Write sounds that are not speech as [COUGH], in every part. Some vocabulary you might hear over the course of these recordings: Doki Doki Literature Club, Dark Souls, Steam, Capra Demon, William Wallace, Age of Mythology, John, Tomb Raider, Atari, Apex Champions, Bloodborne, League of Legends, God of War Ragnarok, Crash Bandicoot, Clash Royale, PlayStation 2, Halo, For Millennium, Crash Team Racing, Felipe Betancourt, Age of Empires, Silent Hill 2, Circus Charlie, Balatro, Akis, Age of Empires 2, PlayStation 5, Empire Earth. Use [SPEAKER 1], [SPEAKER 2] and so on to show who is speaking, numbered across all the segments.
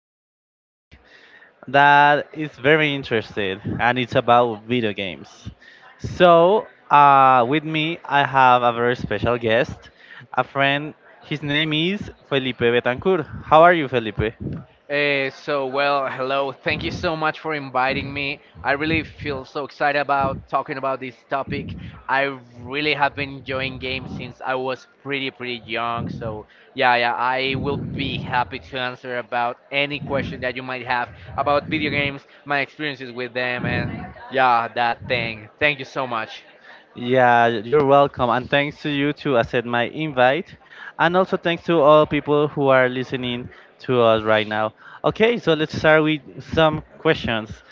[SPEAKER 1] a topic that is very interesting, and it's about video games. So with me, I have a very special guest, a friend. His name is Felipe Betancourt. How are you, Felipe?
[SPEAKER 2] So much for inviting me. I really feel so excited about talking about this topic. I really have been enjoying games since I was pretty, pretty young. So, yeah, yeah, I will be happy to answer about any question that you might have about video games, my experiences with them, and yeah, that thing. Thank you so much.
[SPEAKER 1] Yeah, you're welcome. And thanks to you to accept my invite. And also thanks to all people who are listening to us right now. Okay, so let's start with some questions.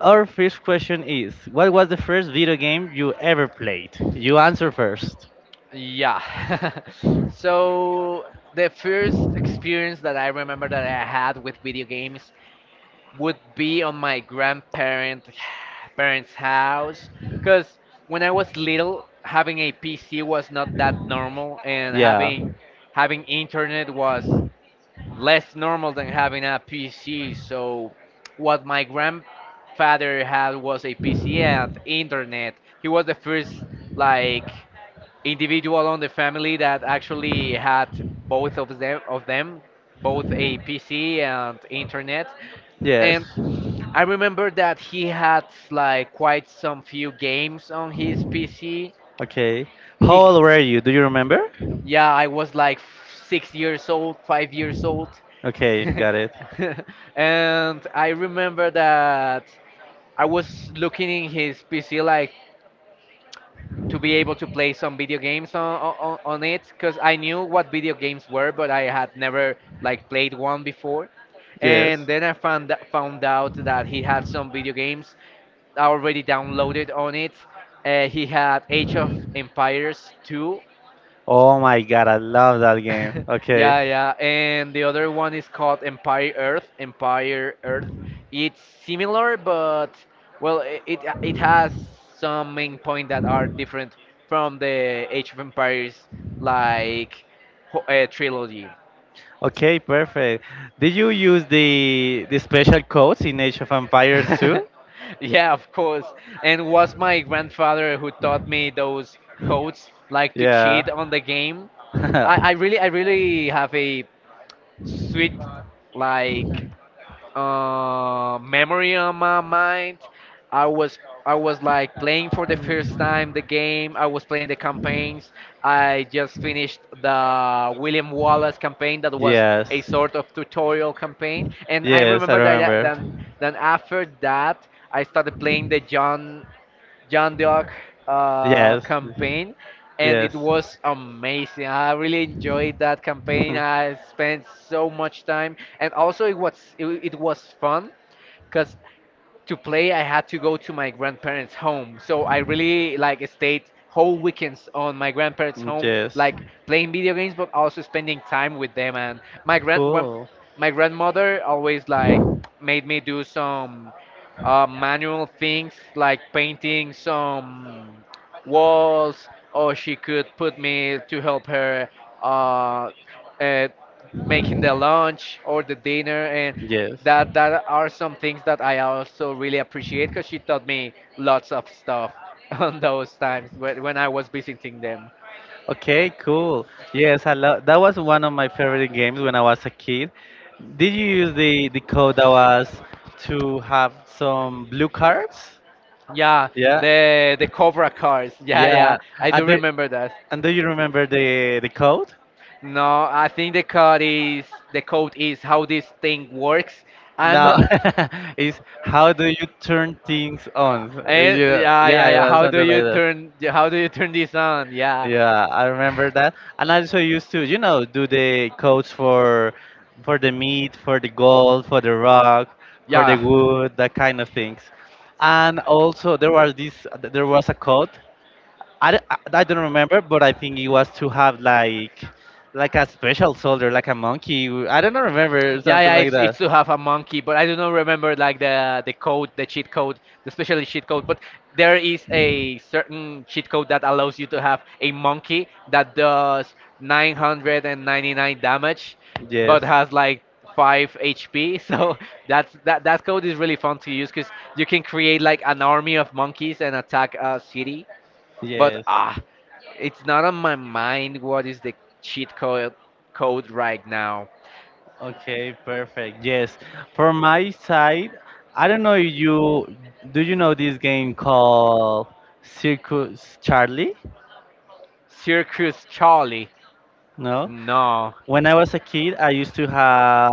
[SPEAKER 1] Our first question is, what was the first video game you ever played? You answer first.
[SPEAKER 2] Yeah. [LAUGHS] So the first experience that I remember that I had with video games would be on my grandparent [SIGHS] parents' house because when I was little, having a PC was not that normal, and
[SPEAKER 1] Yeah.
[SPEAKER 2] having internet was less normal than having a PC. So what my grandfather had was a PC and internet. He was the first, like, individual on the family that actually had both of them, both a PC and internet.
[SPEAKER 1] Yes.
[SPEAKER 2] And I remember that he had, like, quite some few games on his PC.
[SPEAKER 1] Okay. How
[SPEAKER 2] He,
[SPEAKER 1] old were you? Do you remember?
[SPEAKER 2] yeah, I was like 6 years old, 5 years old, [LAUGHS]
[SPEAKER 1] Okay, got it.
[SPEAKER 2] and I remember that I was looking in his PC, like, to be able to play some video games on it because I knew what video games were, but I had never, like, played one before.
[SPEAKER 1] Yes.
[SPEAKER 2] And then I found out that he had some video games already downloaded on it. He had Age of Empires 2.
[SPEAKER 1] Oh my god, I love that game.
[SPEAKER 2] [LAUGHS]
[SPEAKER 1] Okay.
[SPEAKER 2] Yeah, yeah. And the other one is called Empire Earth. It's similar, but, well, it has some main point that are different from the Age of Empires, like, trilogy.
[SPEAKER 1] Okay, perfect. Did you use the special codes in Age of Empires
[SPEAKER 2] [LAUGHS]
[SPEAKER 1] too?
[SPEAKER 2] Yeah, of course. And was my grandfather who taught me those codes, like, to
[SPEAKER 1] Yeah.
[SPEAKER 2] cheat on the game. I, I really I
[SPEAKER 1] [LAUGHS]
[SPEAKER 2] really have a sweet, like, memory on my mind. I was I was like playing for the first time the game. I was playing the campaigns. I just finished the William Wallace campaign that was
[SPEAKER 1] Yes.
[SPEAKER 2] a sort of tutorial campaign, and I
[SPEAKER 1] Yes, I
[SPEAKER 2] remember that that-
[SPEAKER 1] remember.
[SPEAKER 2] then then after that I started playing the John the
[SPEAKER 1] Yes.
[SPEAKER 2] campaign, and
[SPEAKER 1] Yes.
[SPEAKER 2] it was amazing. I really enjoyed that campaign. I
[SPEAKER 1] [LAUGHS]
[SPEAKER 2] spent so much time, and also it was fun because to play I had to go to my grandparents home, so I really, like, stayed whole weekends on my grandparents home,
[SPEAKER 1] Yes.
[SPEAKER 2] like, playing video games but also spending time with them. And my
[SPEAKER 1] Cool.
[SPEAKER 2] my grandmother always, like, made me do some manual things, like painting some walls, or she could put me to help her uh, uh, making the lunch or the dinner. And
[SPEAKER 1] Yes.
[SPEAKER 2] that are some things that I also really appreciate because she taught me lots of stuff [LAUGHS] on those times when I was visiting them.
[SPEAKER 1] Okay, cool. Yes, I love that was one of my favorite games when I was a kid. Did you use the code that was to have some blue cards?
[SPEAKER 2] Yeah,
[SPEAKER 1] Yeah.
[SPEAKER 2] the Cobra cars. [LAUGHS] Yeah, yeah,
[SPEAKER 1] Yeah.
[SPEAKER 2] I do
[SPEAKER 1] And do,
[SPEAKER 2] remember that.
[SPEAKER 1] and do you remember the code?
[SPEAKER 2] No, I think the code is how this thing works. I'm
[SPEAKER 1] No.
[SPEAKER 2] not. [LAUGHS]
[SPEAKER 1] [LAUGHS] It's how do you turn things on? Yeah,
[SPEAKER 2] Yeah,
[SPEAKER 1] yeah,
[SPEAKER 2] yeah,
[SPEAKER 1] it
[SPEAKER 2] yeah.
[SPEAKER 1] was something like that.
[SPEAKER 2] How do you turn this on? Yeah,
[SPEAKER 1] Yeah, I remember that. And I also used to, you know, do the coats for the meat, for the gold, for the rock, for the
[SPEAKER 2] yeah.
[SPEAKER 1] wood, that kind of things. And also there was a code. I don't remember, but I think it was to have like a special soldier, like a monkey. I don't remember
[SPEAKER 2] Yeah,
[SPEAKER 1] something
[SPEAKER 2] yeah,
[SPEAKER 1] like
[SPEAKER 2] it's
[SPEAKER 1] that.
[SPEAKER 2] to have a monkey, but I do not remember, like, the code, the cheat code, the special cheat code. But there is a certain cheat code that allows you to have a monkey that does 999 damage,
[SPEAKER 1] Yes.
[SPEAKER 2] but has like five HP. [LAUGHS] So that's that code is really fun to use because you can create, like, an army of monkeys and attack a city. But,
[SPEAKER 1] Yes.
[SPEAKER 2] ah, it's not on my mind what is the cheat code right now.
[SPEAKER 1] Okay, perfect. Yes. For my side, I don't know if you, do you know this game called Circus Charlie?
[SPEAKER 2] Circus Charlie.
[SPEAKER 1] No?
[SPEAKER 2] No.
[SPEAKER 1] When I was a kid, I used to have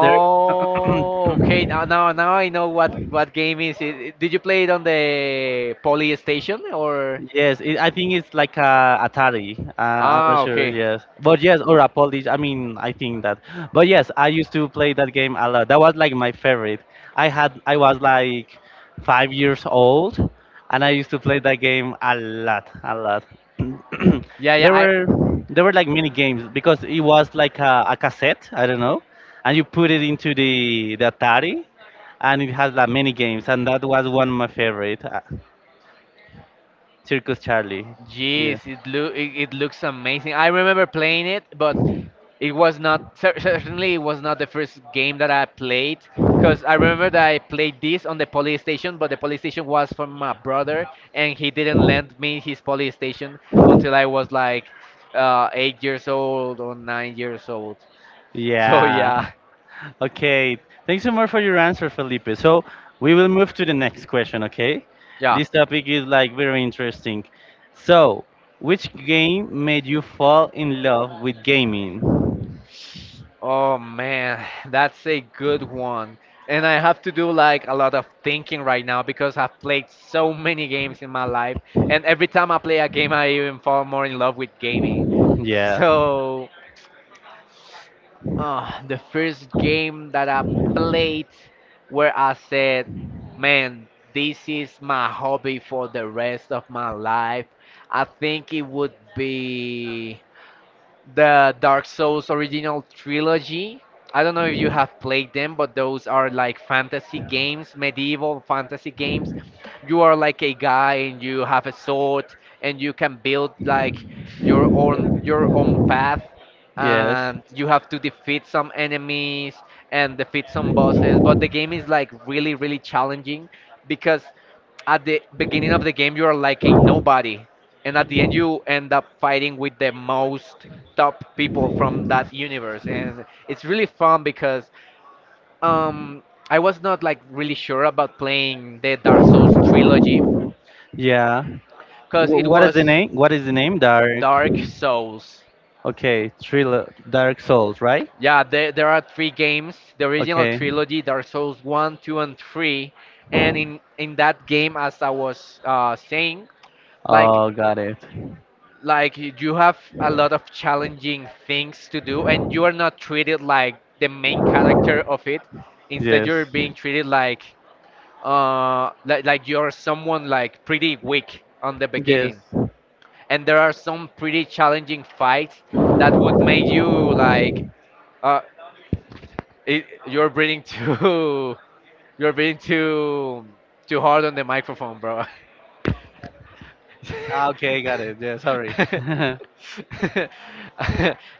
[SPEAKER 1] there.
[SPEAKER 2] okay. Now I know what
[SPEAKER 1] [CLEARS THROAT]
[SPEAKER 2] game is it. Did you play it on the PlayStation or?
[SPEAKER 1] Yes, it, I think it's like a Atari. I'm not
[SPEAKER 2] Ah,
[SPEAKER 1] sure.
[SPEAKER 2] okay.
[SPEAKER 1] Yes, but yes, or a Polish. I mean, I think that. But yes, I used to play that game a lot. That was like my favorite. I had, I was like 5 years old, and I used to play that game a lot, a lot.
[SPEAKER 2] Yeah,
[SPEAKER 1] [CLEARS THROAT]
[SPEAKER 2] yeah.
[SPEAKER 1] there
[SPEAKER 2] I
[SPEAKER 1] were there were like mini games because it was like a cassette. I don't know, and you put it into the Atari, and it has like many games, and that was one of my favorite. Circus Charlie. Yeah.
[SPEAKER 2] Jeez, it looks amazing. I remember playing it, but it was not certainly it was not the first game that I played because I remember that I played this on the PlayStation, but the PlayStation was from my brother, and he didn't lend me his PlayStation until I was like 8 years old or 9 years old. So
[SPEAKER 1] Yeah.
[SPEAKER 2] yeah.
[SPEAKER 1] Okay. Thanks so much for your answer, Felipe. So we will move to the next question, okay?
[SPEAKER 2] Yeah.
[SPEAKER 1] This topic is like very interesting. So, which game made you fall in love with gaming?
[SPEAKER 2] Oh man, that's a good one. And I have to do, like, a lot of thinking right now because I've played so many games in my life. And every time I play a game, I even fall more in love with gaming. [LAUGHS]
[SPEAKER 1] Yeah.
[SPEAKER 2] So, the first game that I played where I said, man, this is my hobby for the rest of my life, I think it would be the Dark Souls original trilogy. I don't know if you have played them, but those are like fantasy games, medieval fantasy games. You are like a guy and you have a sword, and you can build, like, your own path,
[SPEAKER 1] Yes.
[SPEAKER 2] and you have to defeat some enemies and defeat some bosses, but the game is, like, really really challenging because at the beginning of the game you are like a nobody, and at the end you end up fighting with the most top people from that universe. And it's really fun because um I was not, like, really sure about playing the Dark Souls trilogy
[SPEAKER 1] Yeah.
[SPEAKER 2] because it
[SPEAKER 1] What is so the
[SPEAKER 2] was
[SPEAKER 1] name? What is the name? Dark.
[SPEAKER 2] Dark Souls.
[SPEAKER 1] Okay, thriller. Dark Souls, right?
[SPEAKER 2] Yeah, there are three games, the original trilogy, Dark Souls 1, 2 and 3, and in that game, as I was saying,
[SPEAKER 1] I,
[SPEAKER 2] like
[SPEAKER 1] oh, got it.
[SPEAKER 2] you have a lot of challenging things to do, and you are not treated like the main character of it. Instead,
[SPEAKER 1] Yes.
[SPEAKER 2] you're being treated like
[SPEAKER 1] um,
[SPEAKER 2] like you're someone, like, pretty weak on the beginning, and there are some pretty challenging fights that would make you, like, uh you're breathing too [LAUGHS] you're breathing too hard on the microphone, bro. [LAUGHS]
[SPEAKER 1] Ah, okay, got it. Yeah, sorry. [LAUGHS]
[SPEAKER 2] [LAUGHS]
[SPEAKER 1] yes.
[SPEAKER 2] [LAUGHS]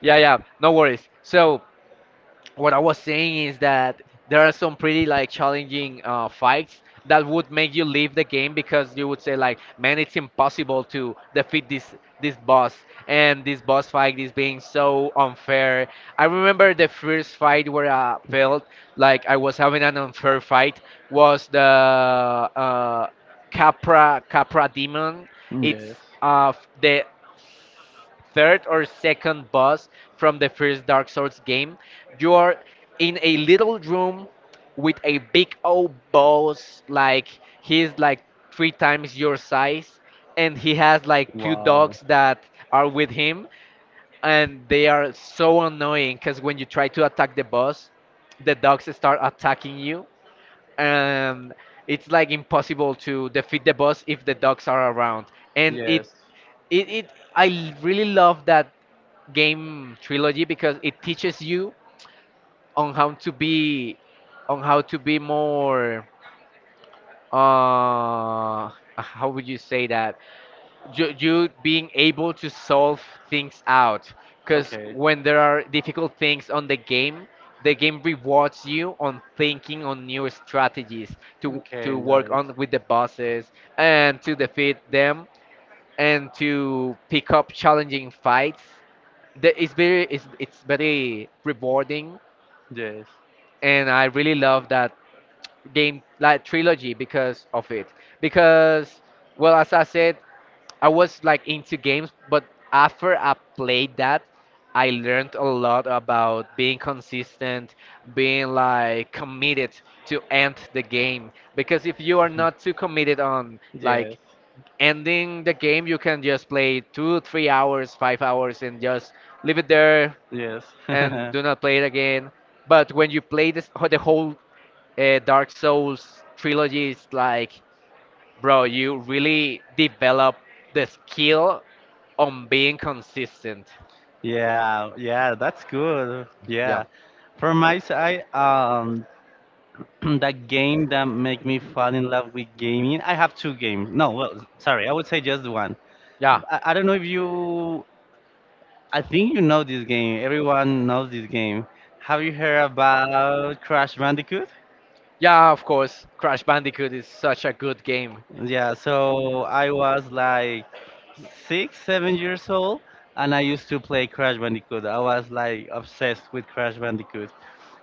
[SPEAKER 2] Yeah, yeah, no worries. So, what I was saying is that there are some pretty, like, challenging fights that would make you leave the game because you would say, like, man, it's impossible to defeat this boss, and this boss fight is being so unfair. I remember the first fight where I felt like I was having an unfair fight was the Capra Demon. It's the third or second boss from the first Dark Souls game. You are in a little room with a big old boss, like, he's like three times your size, and he has like two dogs that are with him, and they are so annoying because when you try to attack the boss, the dogs start attacking you, and it's like impossible to defeat the boss if the dogs are around. And it
[SPEAKER 1] Envy.
[SPEAKER 2] it, it I l- really love that game trilogy because it teaches you on how to be on how to be more, uh how would you say that, you being able to solve things out, because
[SPEAKER 1] Okay.
[SPEAKER 2] when there are difficult things on the game, the game rewards you on thinking on new strategies to
[SPEAKER 1] Okay, got
[SPEAKER 2] work
[SPEAKER 1] it.
[SPEAKER 2] on with the bosses, and to defeat them, and to pick up challenging fights. It's very it's very rewarding,
[SPEAKER 1] Yes.
[SPEAKER 2] and I really love that game, like, trilogy because of it. Because, well, as I said, I was like into games, but after I played that, I learned a lot about being consistent, being, like, committed to end the game. Because if you are not too committed on,
[SPEAKER 1] Yes.
[SPEAKER 2] like, ending the game, you can just play 2, 3 hours 5 hours and just leave it there
[SPEAKER 1] Yes. [LAUGHS] you. [LAUGHS]
[SPEAKER 2] and do not play it again. But when you play this, the whole Dark Souls trilogy, it's like, bro, you really develop the skill on being consistent.
[SPEAKER 1] Yeah, yeah, that's good.
[SPEAKER 2] Yeah.
[SPEAKER 1] Yeah. From my side, [CLEARS THROAT] that game that make me fall in love with gaming. I have two games. No, well, sorry, I would say just one.
[SPEAKER 2] Yeah.
[SPEAKER 1] I don't know if you, I think you know this game. Everyone knows this game. Have you heard about Crash Bandicoot?
[SPEAKER 2] Yeah, of course. Crash Bandicoot is such a good game.
[SPEAKER 1] Yeah, so I was like 6, 7 years old, and I used to play Crash Bandicoot. I was like obsessed with Crash Bandicoot.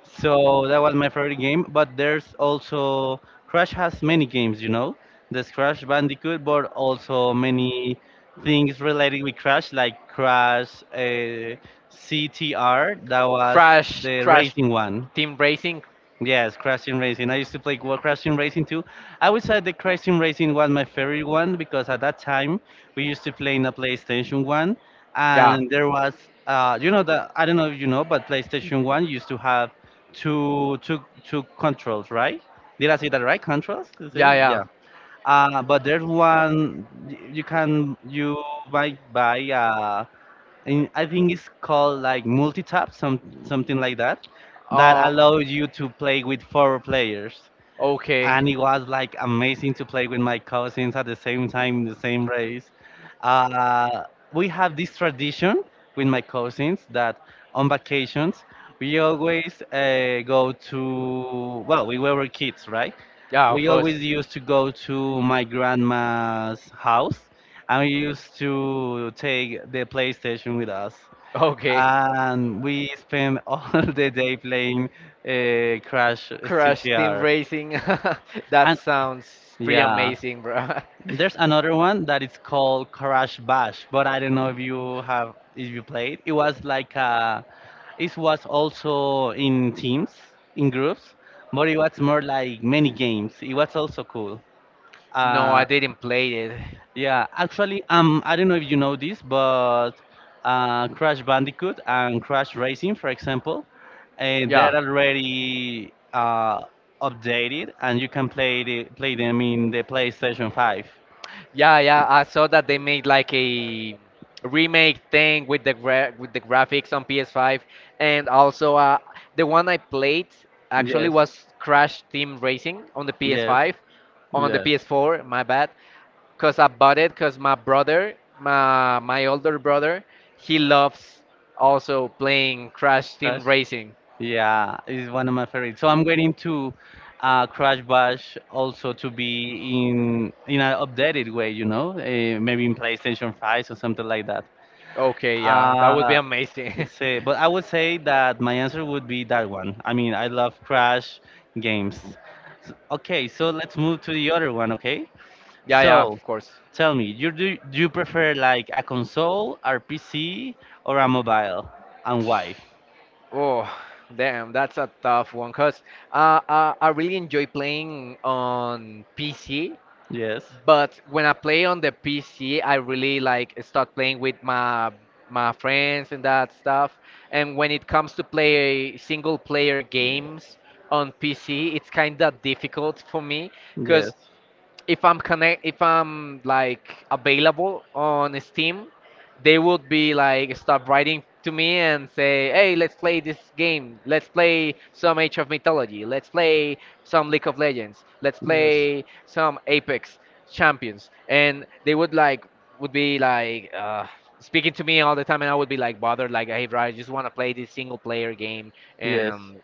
[SPEAKER 1] So that was my favorite game. But there's also Crash has many games, you know. There's Crash Bandicoot, but also many things related with Crash, like Crash CTR. That was
[SPEAKER 2] Crash,
[SPEAKER 1] the
[SPEAKER 2] Crash
[SPEAKER 1] racing one.
[SPEAKER 2] Team Racing.
[SPEAKER 1] Yes, Crash Team Racing. I used to play Wa- Crash Team Racing too. I would say that Crash Team Racing was my favorite one because at that time we used to play in a PlayStation 1
[SPEAKER 2] Yeah.
[SPEAKER 1] and there was uh, you know the, I don't know if you know, but PlayStation 1 used to have two controls, right? Did I say that right? Controls? Is
[SPEAKER 2] Yeah,
[SPEAKER 1] it? Yeah.
[SPEAKER 2] yeah.
[SPEAKER 1] Uh, but there's one, y- you can you might buy uh, and I think it's called like multi-tap, some something like that, that
[SPEAKER 2] Uh,
[SPEAKER 1] allows you to play with 4 players.
[SPEAKER 2] okay.
[SPEAKER 1] And it was like amazing to play with my cousins at the same time in the same race. Uh, we have this tradition with my cousins that on vacations we always go to, well we were kids right,
[SPEAKER 2] Yeah, of
[SPEAKER 1] we
[SPEAKER 2] course.
[SPEAKER 1] always used to go to my grandma's house and we used to take the PlayStation with us.
[SPEAKER 2] Okay.
[SPEAKER 1] And we spent all [LAUGHS] the day playing Crash
[SPEAKER 2] Crash Team
[SPEAKER 1] CTR.
[SPEAKER 2] Racing. [LAUGHS] That
[SPEAKER 1] And
[SPEAKER 2] sounds pretty
[SPEAKER 1] yeah,
[SPEAKER 2] amazing, bro.
[SPEAKER 1] there's another one that is called Crash Bash, but I don't know if you have, if you played. It was like it was also in teams, in groups, but it was more like many games. It was also cool.
[SPEAKER 2] [LAUGHS] No, I
[SPEAKER 1] Uh,
[SPEAKER 2] didn't play it.
[SPEAKER 1] yeah, actually, I don't know if you know this, but Crash Bandicoot and Crash Racing, for example, and
[SPEAKER 2] Yeah.
[SPEAKER 1] they're already updated, and you can play the, play them in the PlayStation 5.
[SPEAKER 2] Yeah, yeah, I saw that they made like a remake thing with the graphics on PS5, and also the one I played actually
[SPEAKER 1] Yes,
[SPEAKER 2] was Crash Team Racing on the
[SPEAKER 1] yes,
[SPEAKER 2] PS5, on the
[SPEAKER 1] yes.
[SPEAKER 2] PS4, my bad, because I bought it because my brother, my older brother, he loves also playing Crash
[SPEAKER 1] Crash.
[SPEAKER 2] Team Racing.
[SPEAKER 1] Yeah, it's one of my favorites. So I'm waiting to Crash Bash also to be in an updated way, you know, maybe in PlayStation 5 or something like that.
[SPEAKER 2] Okay, yeah, that would be
[SPEAKER 1] Uh,
[SPEAKER 2] amazing. [LAUGHS]
[SPEAKER 1] say, but I would say that my answer would be that one. I mean, I love Crash games. S- Okay, so let's move to the other one. Okay,
[SPEAKER 2] Yeah, yeah, of
[SPEAKER 1] so
[SPEAKER 2] course.
[SPEAKER 1] tell me, you do, do you prefer like a console, or PC, or a mobile, and why?
[SPEAKER 2] Oh, damn, that's a tough one. Cause I really enjoy playing on PC,
[SPEAKER 1] Yes,
[SPEAKER 2] but when I play on the PC, I really, like, start playing with my friends and that stuff. And when it comes to play single player games on PC, it's kind of difficult for me,
[SPEAKER 1] yes.
[SPEAKER 2] cause if I'm like available on Steam, they would be, like, start writing to me and say, "Hey, let's play this game. Let's play some Age of Mythology. Let's play some League of Legends. "Let's
[SPEAKER 1] Yes.
[SPEAKER 2] play some Apex Champions." And they would like would be like speaking to me all the time, and I would be like bothered, like, "Hey, bro, I just want to play this single player game."
[SPEAKER 1] Yes.
[SPEAKER 2] And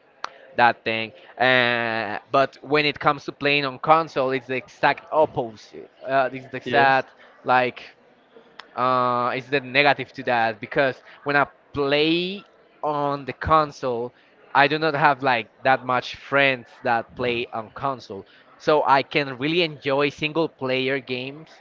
[SPEAKER 2] that thing. But when it comes to playing on console, it's the exact opposite. It's the
[SPEAKER 1] Yes.
[SPEAKER 2] exact like it's the negative to that because when I play on the console, I do not have like that much friends that play on console. So I can really enjoy single player games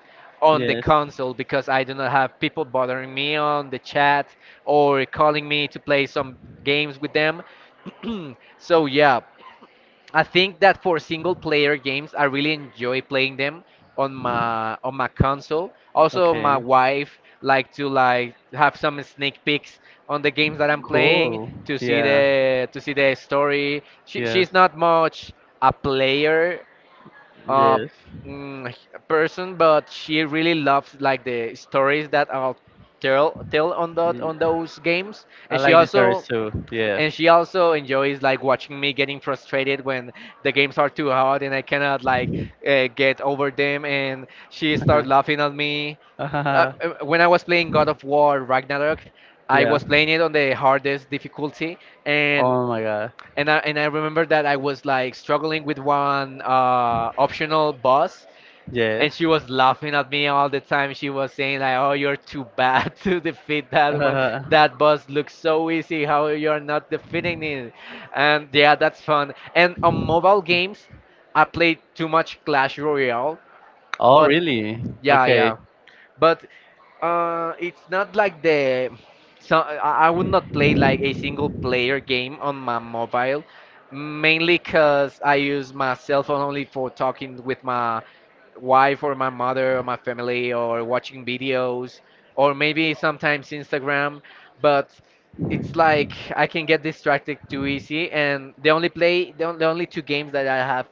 [SPEAKER 2] on the
[SPEAKER 1] Yes.
[SPEAKER 2] console because I do not have people bothering me on the chat or calling me to play some games with them. [CLEARS THROAT] So yeah, I think that for single player games, I really enjoy playing them on my console. Also, my
[SPEAKER 1] Okay.
[SPEAKER 2] wife like to like have some sneak peeks on the games that I'm playing
[SPEAKER 1] Cool.
[SPEAKER 2] to see
[SPEAKER 1] Yeah.
[SPEAKER 2] the story.
[SPEAKER 1] Yes.
[SPEAKER 2] She's not much a player uh,
[SPEAKER 1] Yes.
[SPEAKER 2] mm, person, but she really loves like the stories that are tell on that
[SPEAKER 1] Y-
[SPEAKER 2] on those games,
[SPEAKER 1] I like this artist too. Yeah.
[SPEAKER 2] and she also enjoys like watching me getting frustrated when the games are too hard and I cannot like get over them. And she started laughing at
[SPEAKER 1] [LAUGHS]
[SPEAKER 2] me.
[SPEAKER 1] Ah,
[SPEAKER 2] When I was playing God of War Ragnarok, I
[SPEAKER 1] yeah.
[SPEAKER 2] was playing it on the hardest difficulty, and
[SPEAKER 1] Oh my god.
[SPEAKER 2] I remember that I was like struggling with one optional boss, and
[SPEAKER 1] Yes.
[SPEAKER 2] she was laughing at me all the time. She was saying like, "Oh, you're too bad [LAUGHS] to defeat that one. That
[SPEAKER 1] [LAUGHS]
[SPEAKER 2] boss looks so easy. How you're not defeating it?" And yeah, that's fun. And on mobile games, I played too much Clash Royale,
[SPEAKER 1] oh,
[SPEAKER 2] but
[SPEAKER 1] really?
[SPEAKER 2] yeah,
[SPEAKER 1] Okay.
[SPEAKER 2] yeah. But it's not like the. So I would not play like a single player game on my mobile, mainly because I use my cell phone only for talking with my wife or my mother or my family or watching videos or maybe sometimes Instagram, but it's like I can get distracted too easy and the only play the, on- the only two games that I have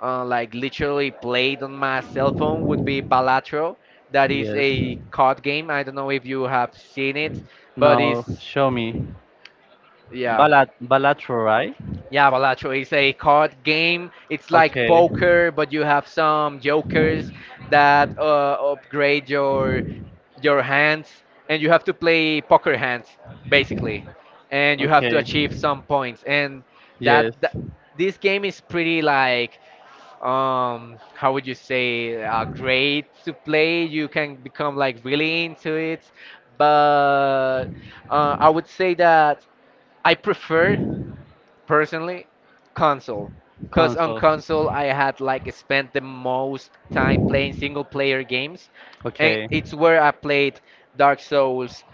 [SPEAKER 2] like literally played on my cell phone would be Balatro. That is
[SPEAKER 1] Yes.
[SPEAKER 2] a card game. I don't know if you have seen it, but
[SPEAKER 1] No,
[SPEAKER 2] it's
[SPEAKER 1] show me.
[SPEAKER 2] yeah,
[SPEAKER 1] Balat Balatro, right?
[SPEAKER 2] yeah, Balatro is a card game. It's like
[SPEAKER 1] Okay.
[SPEAKER 2] poker, but you have some jokers that upgrade your hands, and you have to play poker hands basically, and you have to
[SPEAKER 1] Okay.
[SPEAKER 2] achieve some points. And that,
[SPEAKER 1] Yes.
[SPEAKER 2] that this game is pretty like how would you say great to play. You can become like really into it, but I would say that I prefer personally console because on
[SPEAKER 1] Consoles.
[SPEAKER 2] console I had like spent the most time playing single player games and
[SPEAKER 1] Okay.
[SPEAKER 2] it's where I played Dark Souls,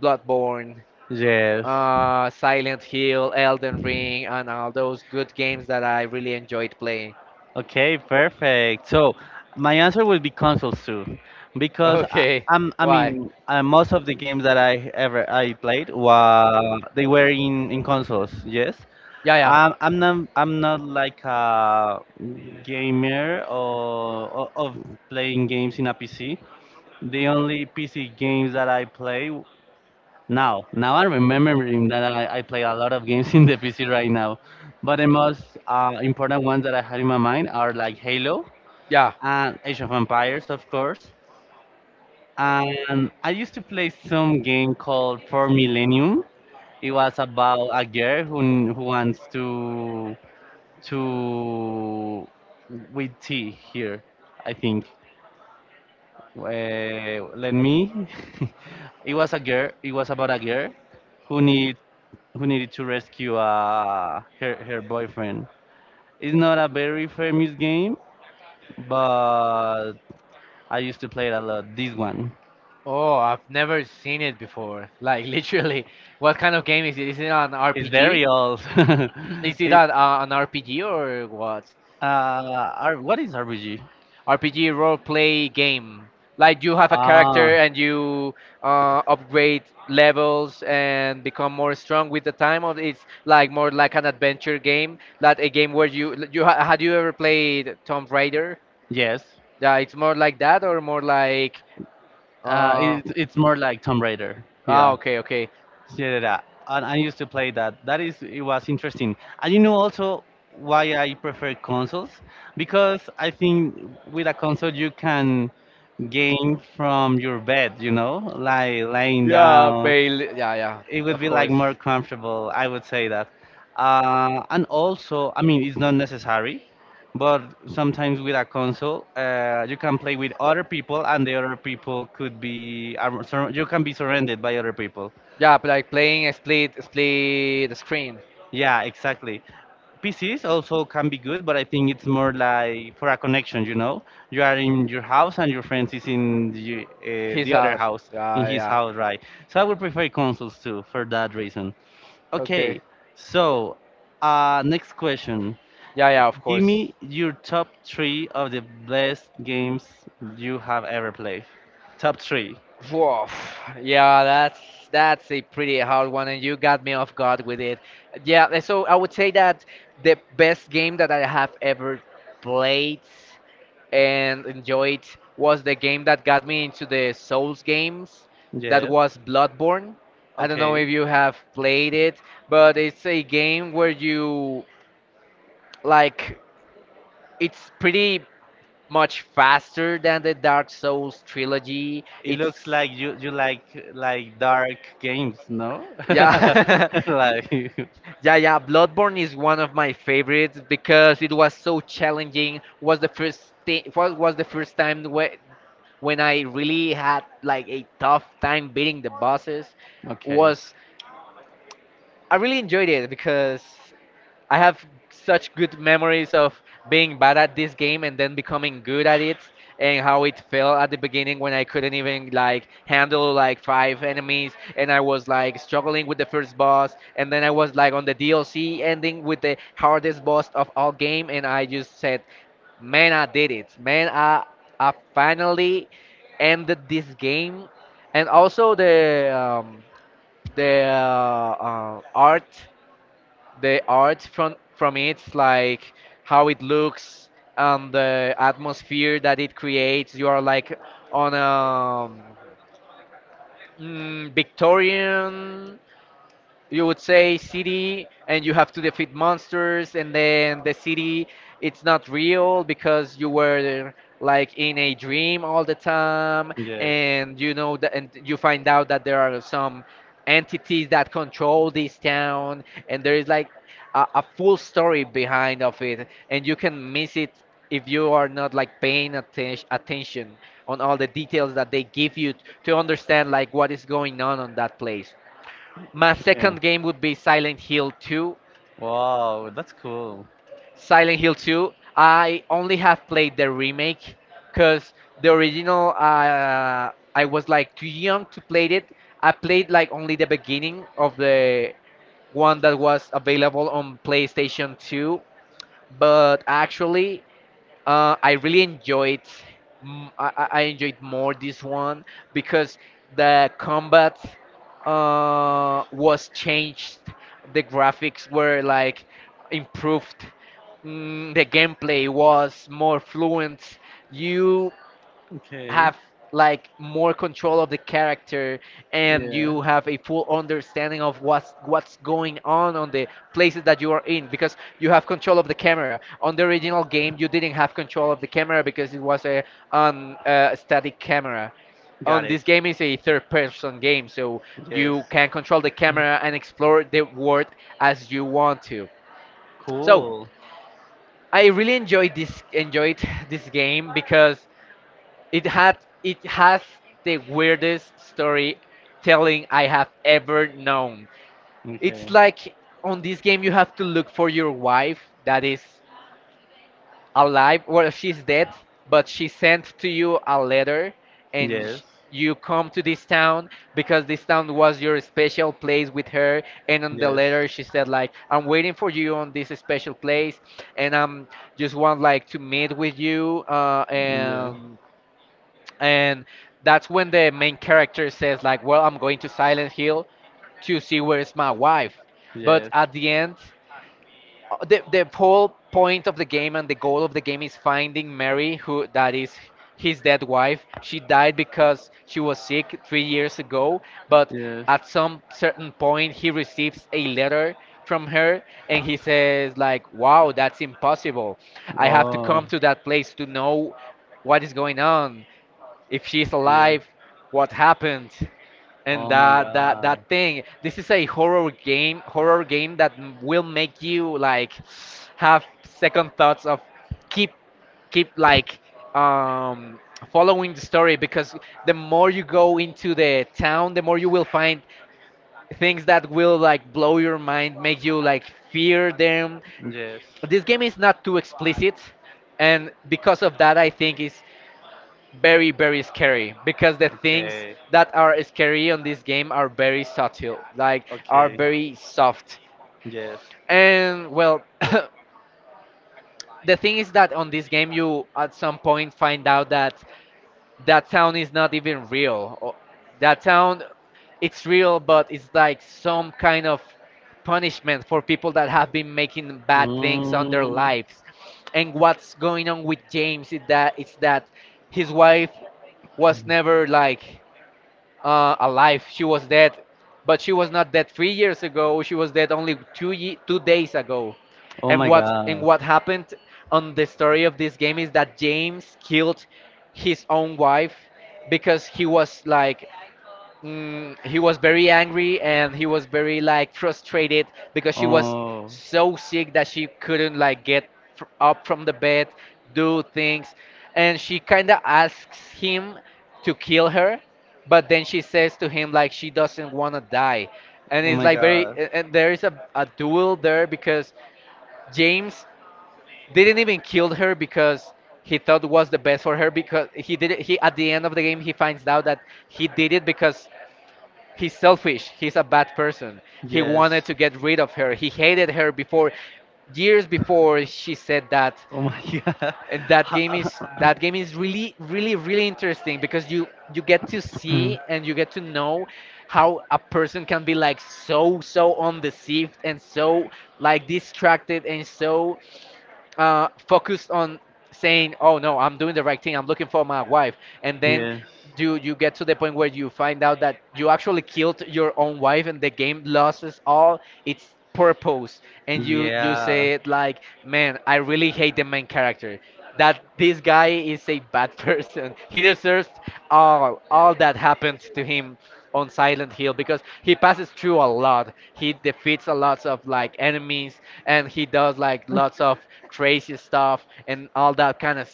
[SPEAKER 2] Bloodborne,
[SPEAKER 1] Yes.
[SPEAKER 2] Silent Hill, Elden Ring and all those good games that I really enjoyed playing.
[SPEAKER 1] Okay, perfect. So my answer would be consoles too, because
[SPEAKER 2] Okay.
[SPEAKER 1] I
[SPEAKER 2] Why?
[SPEAKER 1] mean, most of the games that I played were they were in consoles. Yes,
[SPEAKER 2] Yeah, yeah.
[SPEAKER 1] I'm not, I'm not like a gamer or of playing games in a PC. The only PC games that I play, now, now I'm remembering that I play a lot of games in the PC right now, but the most important ones that I had in my mind are like Halo
[SPEAKER 2] Yeah.
[SPEAKER 1] and Age of Empires, of course. And I used to play some game called For Millennium. It was about a girl who wants to with T here, I think. Let me. [LAUGHS] it was a girl. It was about a girl who needs who needed to rescue her boyfriend. It's not a very famous game, but I used to play it a lot. This one.
[SPEAKER 2] Oh, I've never seen it before. Like [LAUGHS] literally, what kind of game is it? Is it an
[SPEAKER 1] It's
[SPEAKER 2] RPG?
[SPEAKER 1] very old.
[SPEAKER 2] [LAUGHS] [CLEARS THROAT]
[SPEAKER 1] [LAUGHS]
[SPEAKER 2] Is it
[SPEAKER 1] It-
[SPEAKER 2] an RPG or what?
[SPEAKER 1] R- what is RPG?
[SPEAKER 2] RPG, role play game. Like you have a
[SPEAKER 1] Uh,
[SPEAKER 2] character and you upgrade levels and become more strong with the time, or it's like more like an adventure game, like a game where had you ever played Tomb Raider?
[SPEAKER 1] yes.
[SPEAKER 2] Yeah, it's more like that or more like uh,
[SPEAKER 1] It, it's more like Tomb Raider.
[SPEAKER 2] ah,
[SPEAKER 1] Yeah.
[SPEAKER 2] okay, okay.
[SPEAKER 1] Yeah, yeah, yeah. And I used to play that. That is, it was interesting. And you know also why I prefer consoles? Because I think with a console you can game from your bed, you know, like laying
[SPEAKER 2] Yeah,
[SPEAKER 1] down,
[SPEAKER 2] Bale. Yeah, yeah,
[SPEAKER 1] it would
[SPEAKER 2] of
[SPEAKER 1] be like
[SPEAKER 2] course.
[SPEAKER 1] more comfortable, I would say that, and also I mean it's not necessary but sometimes with a console you can play with other people, and the other people could be ar- sur- you can be surrounded by other people.
[SPEAKER 2] Yeah, but like playing a split screen.
[SPEAKER 1] Yeah, exactly. PCs also can be good but I think it's more like for a connection, you know, you are in your house and your friends is in
[SPEAKER 2] His
[SPEAKER 1] the other
[SPEAKER 2] house.
[SPEAKER 1] house in
[SPEAKER 2] Yeah,
[SPEAKER 1] his
[SPEAKER 2] yeah.
[SPEAKER 1] house right, so I would prefer consoles too for that reason.
[SPEAKER 2] Okay.
[SPEAKER 1] Okay, so next question.
[SPEAKER 2] Yeah, yeah, of
[SPEAKER 1] Give
[SPEAKER 2] course.
[SPEAKER 1] me your top three of the best games you have ever played. Top three.
[SPEAKER 2] Woof. Yeah, that's a pretty hard one, and you got me off guard with it. Yeah, and so I would say that the best game that I have ever played and enjoyed was the game that got me into the Souls games. That
[SPEAKER 1] Yes.
[SPEAKER 2] was Bloodborne. I don't know
[SPEAKER 1] Okay.
[SPEAKER 2] if you have played it, but it's a game where you like it's pretty much faster than the Dark Souls trilogy.
[SPEAKER 1] It looks
[SPEAKER 2] It's
[SPEAKER 1] like you like dark games, no?
[SPEAKER 2] yeah.
[SPEAKER 1] [LAUGHS]
[SPEAKER 2] [LAUGHS] Y-
[SPEAKER 1] like
[SPEAKER 2] Yeah, yeah, Bloodborne is one of my favorites because it was so challenging. Was the first time when I really had like a tough time beating the bosses.
[SPEAKER 1] okay.
[SPEAKER 2] Was I really enjoyed it because I have such good memories of being bad at this game and then becoming good at it and how it felt at the beginning when I couldn't even like handle like five enemies and I was like struggling with the first boss and then I was like on the DLC ending with the hardest boss of all game and I just said, man, I did it, man, I finally ended this game. And also the art, the art from it, like how it looks and the atmosphere that it creates. You are like on a Victorian, you would say, city, and you have to defeat monsters, and then the city, it's not real because you were like in a dream all the time
[SPEAKER 1] Yes.
[SPEAKER 2] and you know that, and you find out that there are some entities that control this town, and there is like a full story behind of it, and you can miss it if you are not like paying attention on all the details that they give you to understand like what is going on that place. My second
[SPEAKER 1] Okay.
[SPEAKER 2] game would be Silent Hill 2.
[SPEAKER 1] Wow, that's cool.
[SPEAKER 2] Silent Hill 2, I only have played the remake because the original, I was like too young to play it. I played like only the beginning of the one that was available on PlayStation 2, but actually, I really enjoyed. I enjoyed more this one because the combat was changed. The graphics were like improved. Mm, the gameplay was more fluent. You
[SPEAKER 1] Okay.
[SPEAKER 2] have like more control of the character, and
[SPEAKER 1] Yeah.
[SPEAKER 2] you have a full understanding of what's going on the places that you are in because you have control of the camera. On the original game you didn't have control of the camera because it was a on static camera.
[SPEAKER 1] Got
[SPEAKER 2] On
[SPEAKER 1] it.
[SPEAKER 2] this game is a third person game, so
[SPEAKER 1] Yes.
[SPEAKER 2] you can control the
[SPEAKER 1] Mm.
[SPEAKER 2] camera and explore the world as you want to. So
[SPEAKER 1] Cool.
[SPEAKER 2] I really enjoyed this enjoyed [LAUGHS] this game because it had it has the weirdest storytelling I have ever known.
[SPEAKER 1] Okay.
[SPEAKER 2] It's like on this game you have to look for your wife that is alive. Well, she's dead, but she sent to you a letter, and
[SPEAKER 1] Yes.
[SPEAKER 2] you come to this town because this town was your special place with her. And on the
[SPEAKER 1] Yes.
[SPEAKER 2] letter she said like, "I'm waiting for you on this special place, and I'm just want like to meet with you
[SPEAKER 1] Yeah.
[SPEAKER 2] and." And that's when the main character says like, well, I'm going to Silent Hill to see where's my wife. But
[SPEAKER 1] Yes.
[SPEAKER 2] at
[SPEAKER 1] Yes.
[SPEAKER 2] the end, the whole point of the game and the goal of the game is finding Mary, who that is his dead wife. She died because she was sick 3 years ago, but at some certain point he receives a letter from her, and he says like, wow, that's impossible. I have to
[SPEAKER 1] Oh.
[SPEAKER 2] come to that place to know what is going on, if she's
[SPEAKER 1] Yeah.
[SPEAKER 2] alive, what happened, and
[SPEAKER 1] Oh my
[SPEAKER 2] that that
[SPEAKER 1] god.
[SPEAKER 2] that thing. This is a horror game that will make you like have second thoughts of keep keep like um following the story because the more you go into the town, the more you will find things that will like blow your mind, make you like fear them.
[SPEAKER 1] Yes. Okay.
[SPEAKER 2] This game is not too explicit, and because of that, I think is very very scary because the things that are scary on this game are very subtle, like are
[SPEAKER 1] Okay.
[SPEAKER 2] very soft.
[SPEAKER 1] Yes.
[SPEAKER 2] And well, [COUGHS] the thing is that on this game you at some point find out that that town is not even real, or that town it's real but it's like some kind of punishment for people that have been making bad things on their
[SPEAKER 1] Mm.
[SPEAKER 2] lives. And what's going on with James is that it's that his wife was never like alive. She was dead, but she was not dead 3 years ago. She was dead only 2 days ago.
[SPEAKER 1] Oh
[SPEAKER 2] And
[SPEAKER 1] my god.
[SPEAKER 2] what happened on the story of this game is that James killed his own wife because he was like he was very angry and he was very like frustrated because she was
[SPEAKER 1] Oh.
[SPEAKER 2] so sick that she couldn't like get up from the bed, do things, and she kind of asks him to kill her, but then she says to him like she doesn't want to die. And
[SPEAKER 1] Oh
[SPEAKER 2] it's
[SPEAKER 1] my
[SPEAKER 2] like very
[SPEAKER 1] god.
[SPEAKER 2] and there is a duel there because James didn't even kill her because he thought was the best for her, because he did it. He at the end of the game he finds out that he did it because he's selfish. He's a bad person. He
[SPEAKER 1] Yes.
[SPEAKER 2] wanted to get rid of her. He hated her before, years before she said that.
[SPEAKER 1] Oh my [LAUGHS] god.
[SPEAKER 2] And that game is really, really, really interesting because you get to see
[SPEAKER 1] Mm.
[SPEAKER 2] and you get to know how a person can be like so, so undeceived and so like distracted and so focused on saying, "Oh no, I'm doing the right thing. I'm looking for my wife," and
[SPEAKER 1] [CLEARS THROAT]
[SPEAKER 2] then
[SPEAKER 1] yes.
[SPEAKER 2] you get to the point where you find out that you actually killed your own wife, and the game loses all its purpose, and you
[SPEAKER 1] Yeah.
[SPEAKER 2] say it like, "Man, I really hate the main character," that this guy is a bad person. [LAUGHS] He deserves all that happens to him on Silent Hill because he passes through a lot. He defeats a lot of like enemies and he does like lots of crazy stuff and all that kind of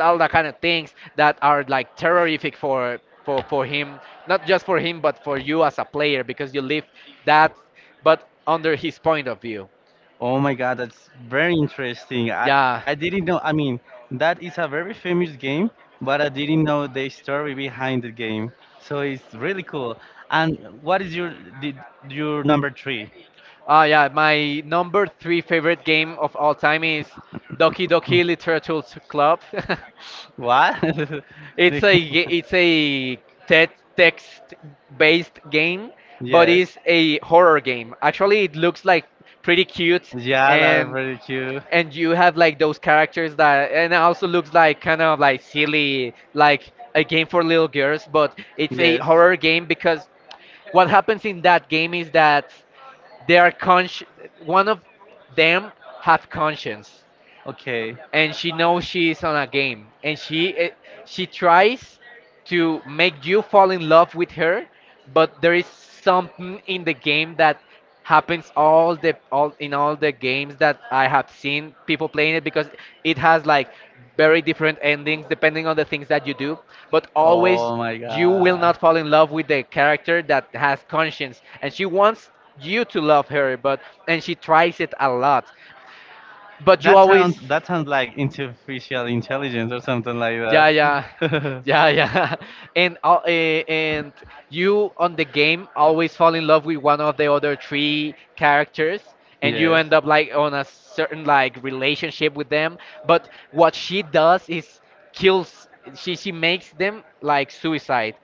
[SPEAKER 2] all that kind of things that are like terrific for him, not just for him but for you as a player because you live that but under his point of view.
[SPEAKER 1] Oh my God, that's very interesting.
[SPEAKER 2] Yeah.
[SPEAKER 1] I didn't know. I mean, that is a very famous game, but I didn't know the story behind the game. So it's really cool. And what is your the, your number three?
[SPEAKER 2] Ah, yeah, my number three favorite game of all time is Doki Doki
[SPEAKER 1] [LAUGHS]
[SPEAKER 2] Literature Club. [LAUGHS]
[SPEAKER 1] What? [LAUGHS]
[SPEAKER 2] It's a text-based game, but
[SPEAKER 1] yes.
[SPEAKER 2] it's a horror game. Actually, it looks like pretty cute,
[SPEAKER 1] Yeah, that's
[SPEAKER 2] and
[SPEAKER 1] really cute.
[SPEAKER 2] and you have like those characters that and it also looks like kind of like silly like a game for little girls, but it's a
[SPEAKER 1] Yes.
[SPEAKER 2] horror game because what happens in that game is that they are consci- one of them have conscience,
[SPEAKER 1] Okay.
[SPEAKER 2] and she knows she is on a game and she she tries to make you fall in love with her, but there is something in the game that happens all in all the games that I have seen people playing it, because it has like very different endings depending on the things that you do, but always you will not fall in love with the character that has conscience, and she wants you to love her, but and she tries it a lot but you
[SPEAKER 1] That
[SPEAKER 2] always.
[SPEAKER 1] sounds like artificial intelligence or something like, yeah,
[SPEAKER 2] Yeah, yeah,
[SPEAKER 1] [LAUGHS] yeah,
[SPEAKER 2] [LAUGHS]
[SPEAKER 1] and
[SPEAKER 2] yeah, yeah. [LAUGHS] And you on the game always fall in love with one of the other three characters, and you
[SPEAKER 1] you.
[SPEAKER 2] end up like on a certain like relationship with them. But what she does is kills. She makes them like suicide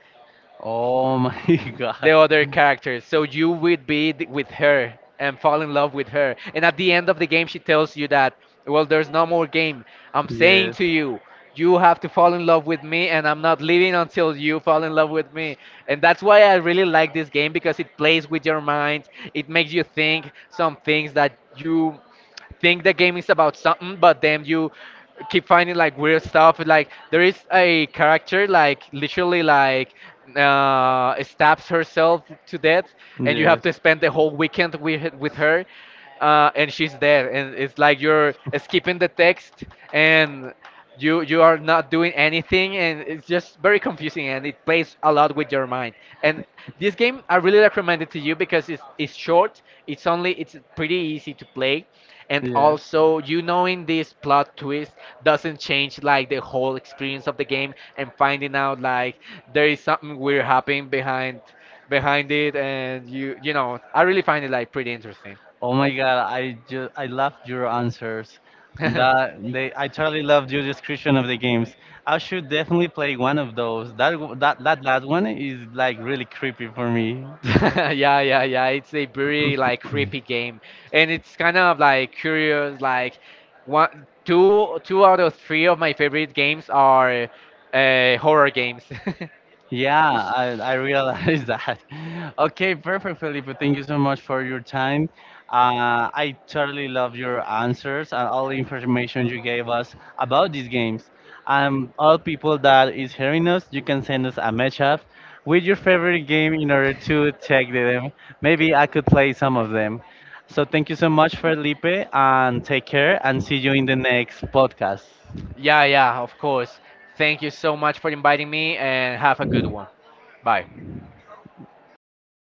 [SPEAKER 1] Oh my [LAUGHS] the
[SPEAKER 2] the
[SPEAKER 1] god.
[SPEAKER 2] other characters. So you would be with her and fall in love with her. And at the end of the game, she tells you that, well, there's no more game. I'm saying to you, you have to fall in love with me, and I'm not leaving until you fall in love with me. And that's why I really like this game, because it plays with your mind. It makes you think some things, that you think the game is about something, but then you keep finding like weird stuff. Like there is a character like literally like stabs herself to death, and you have to spend the whole weekend with her, and she's dead, and it's like you're skipping the text and you are not doing anything, and it's just very confusing and it plays a lot with your mind. And this game I really recommend it to you because it's short, it's pretty easy to play, and also you knowing this plot twist doesn't change like the whole experience of the game, and finding out like there is something weird happening behind it, and you know I really find it like pretty
[SPEAKER 1] Interesting.
[SPEAKER 2] interesting.
[SPEAKER 1] Oh my God, I just I loved your answers.
[SPEAKER 2] [LAUGHS]
[SPEAKER 1] That they, I totally loved your description of the games. I should definitely play one of those. That w- that that last one is like really creepy for me.
[SPEAKER 2] [LAUGHS]
[SPEAKER 1] [LAUGHS]
[SPEAKER 2] Yeah, yeah, yeah. It's a very like creepy game, and it's kind of like curious.
[SPEAKER 1] [LAUGHS]
[SPEAKER 2] Like one, two, two out of three of my favorite games are horror games.
[SPEAKER 1] Yeah, I realized [LAUGHS] that. Okay, perfect, Felipe. Thank you so much for your time. I totally love your answers and all the information you gave us about these games. All people that is hearing us, you can send us a matchup with your favorite game in order to check them. Maybe I could play some of them. So thank you so much, Felipe, and take care and see you in the next podcast.
[SPEAKER 2] [LAUGHS] Yeah, yeah, of course. Thank you so much for inviting me, and have a good one. Bye.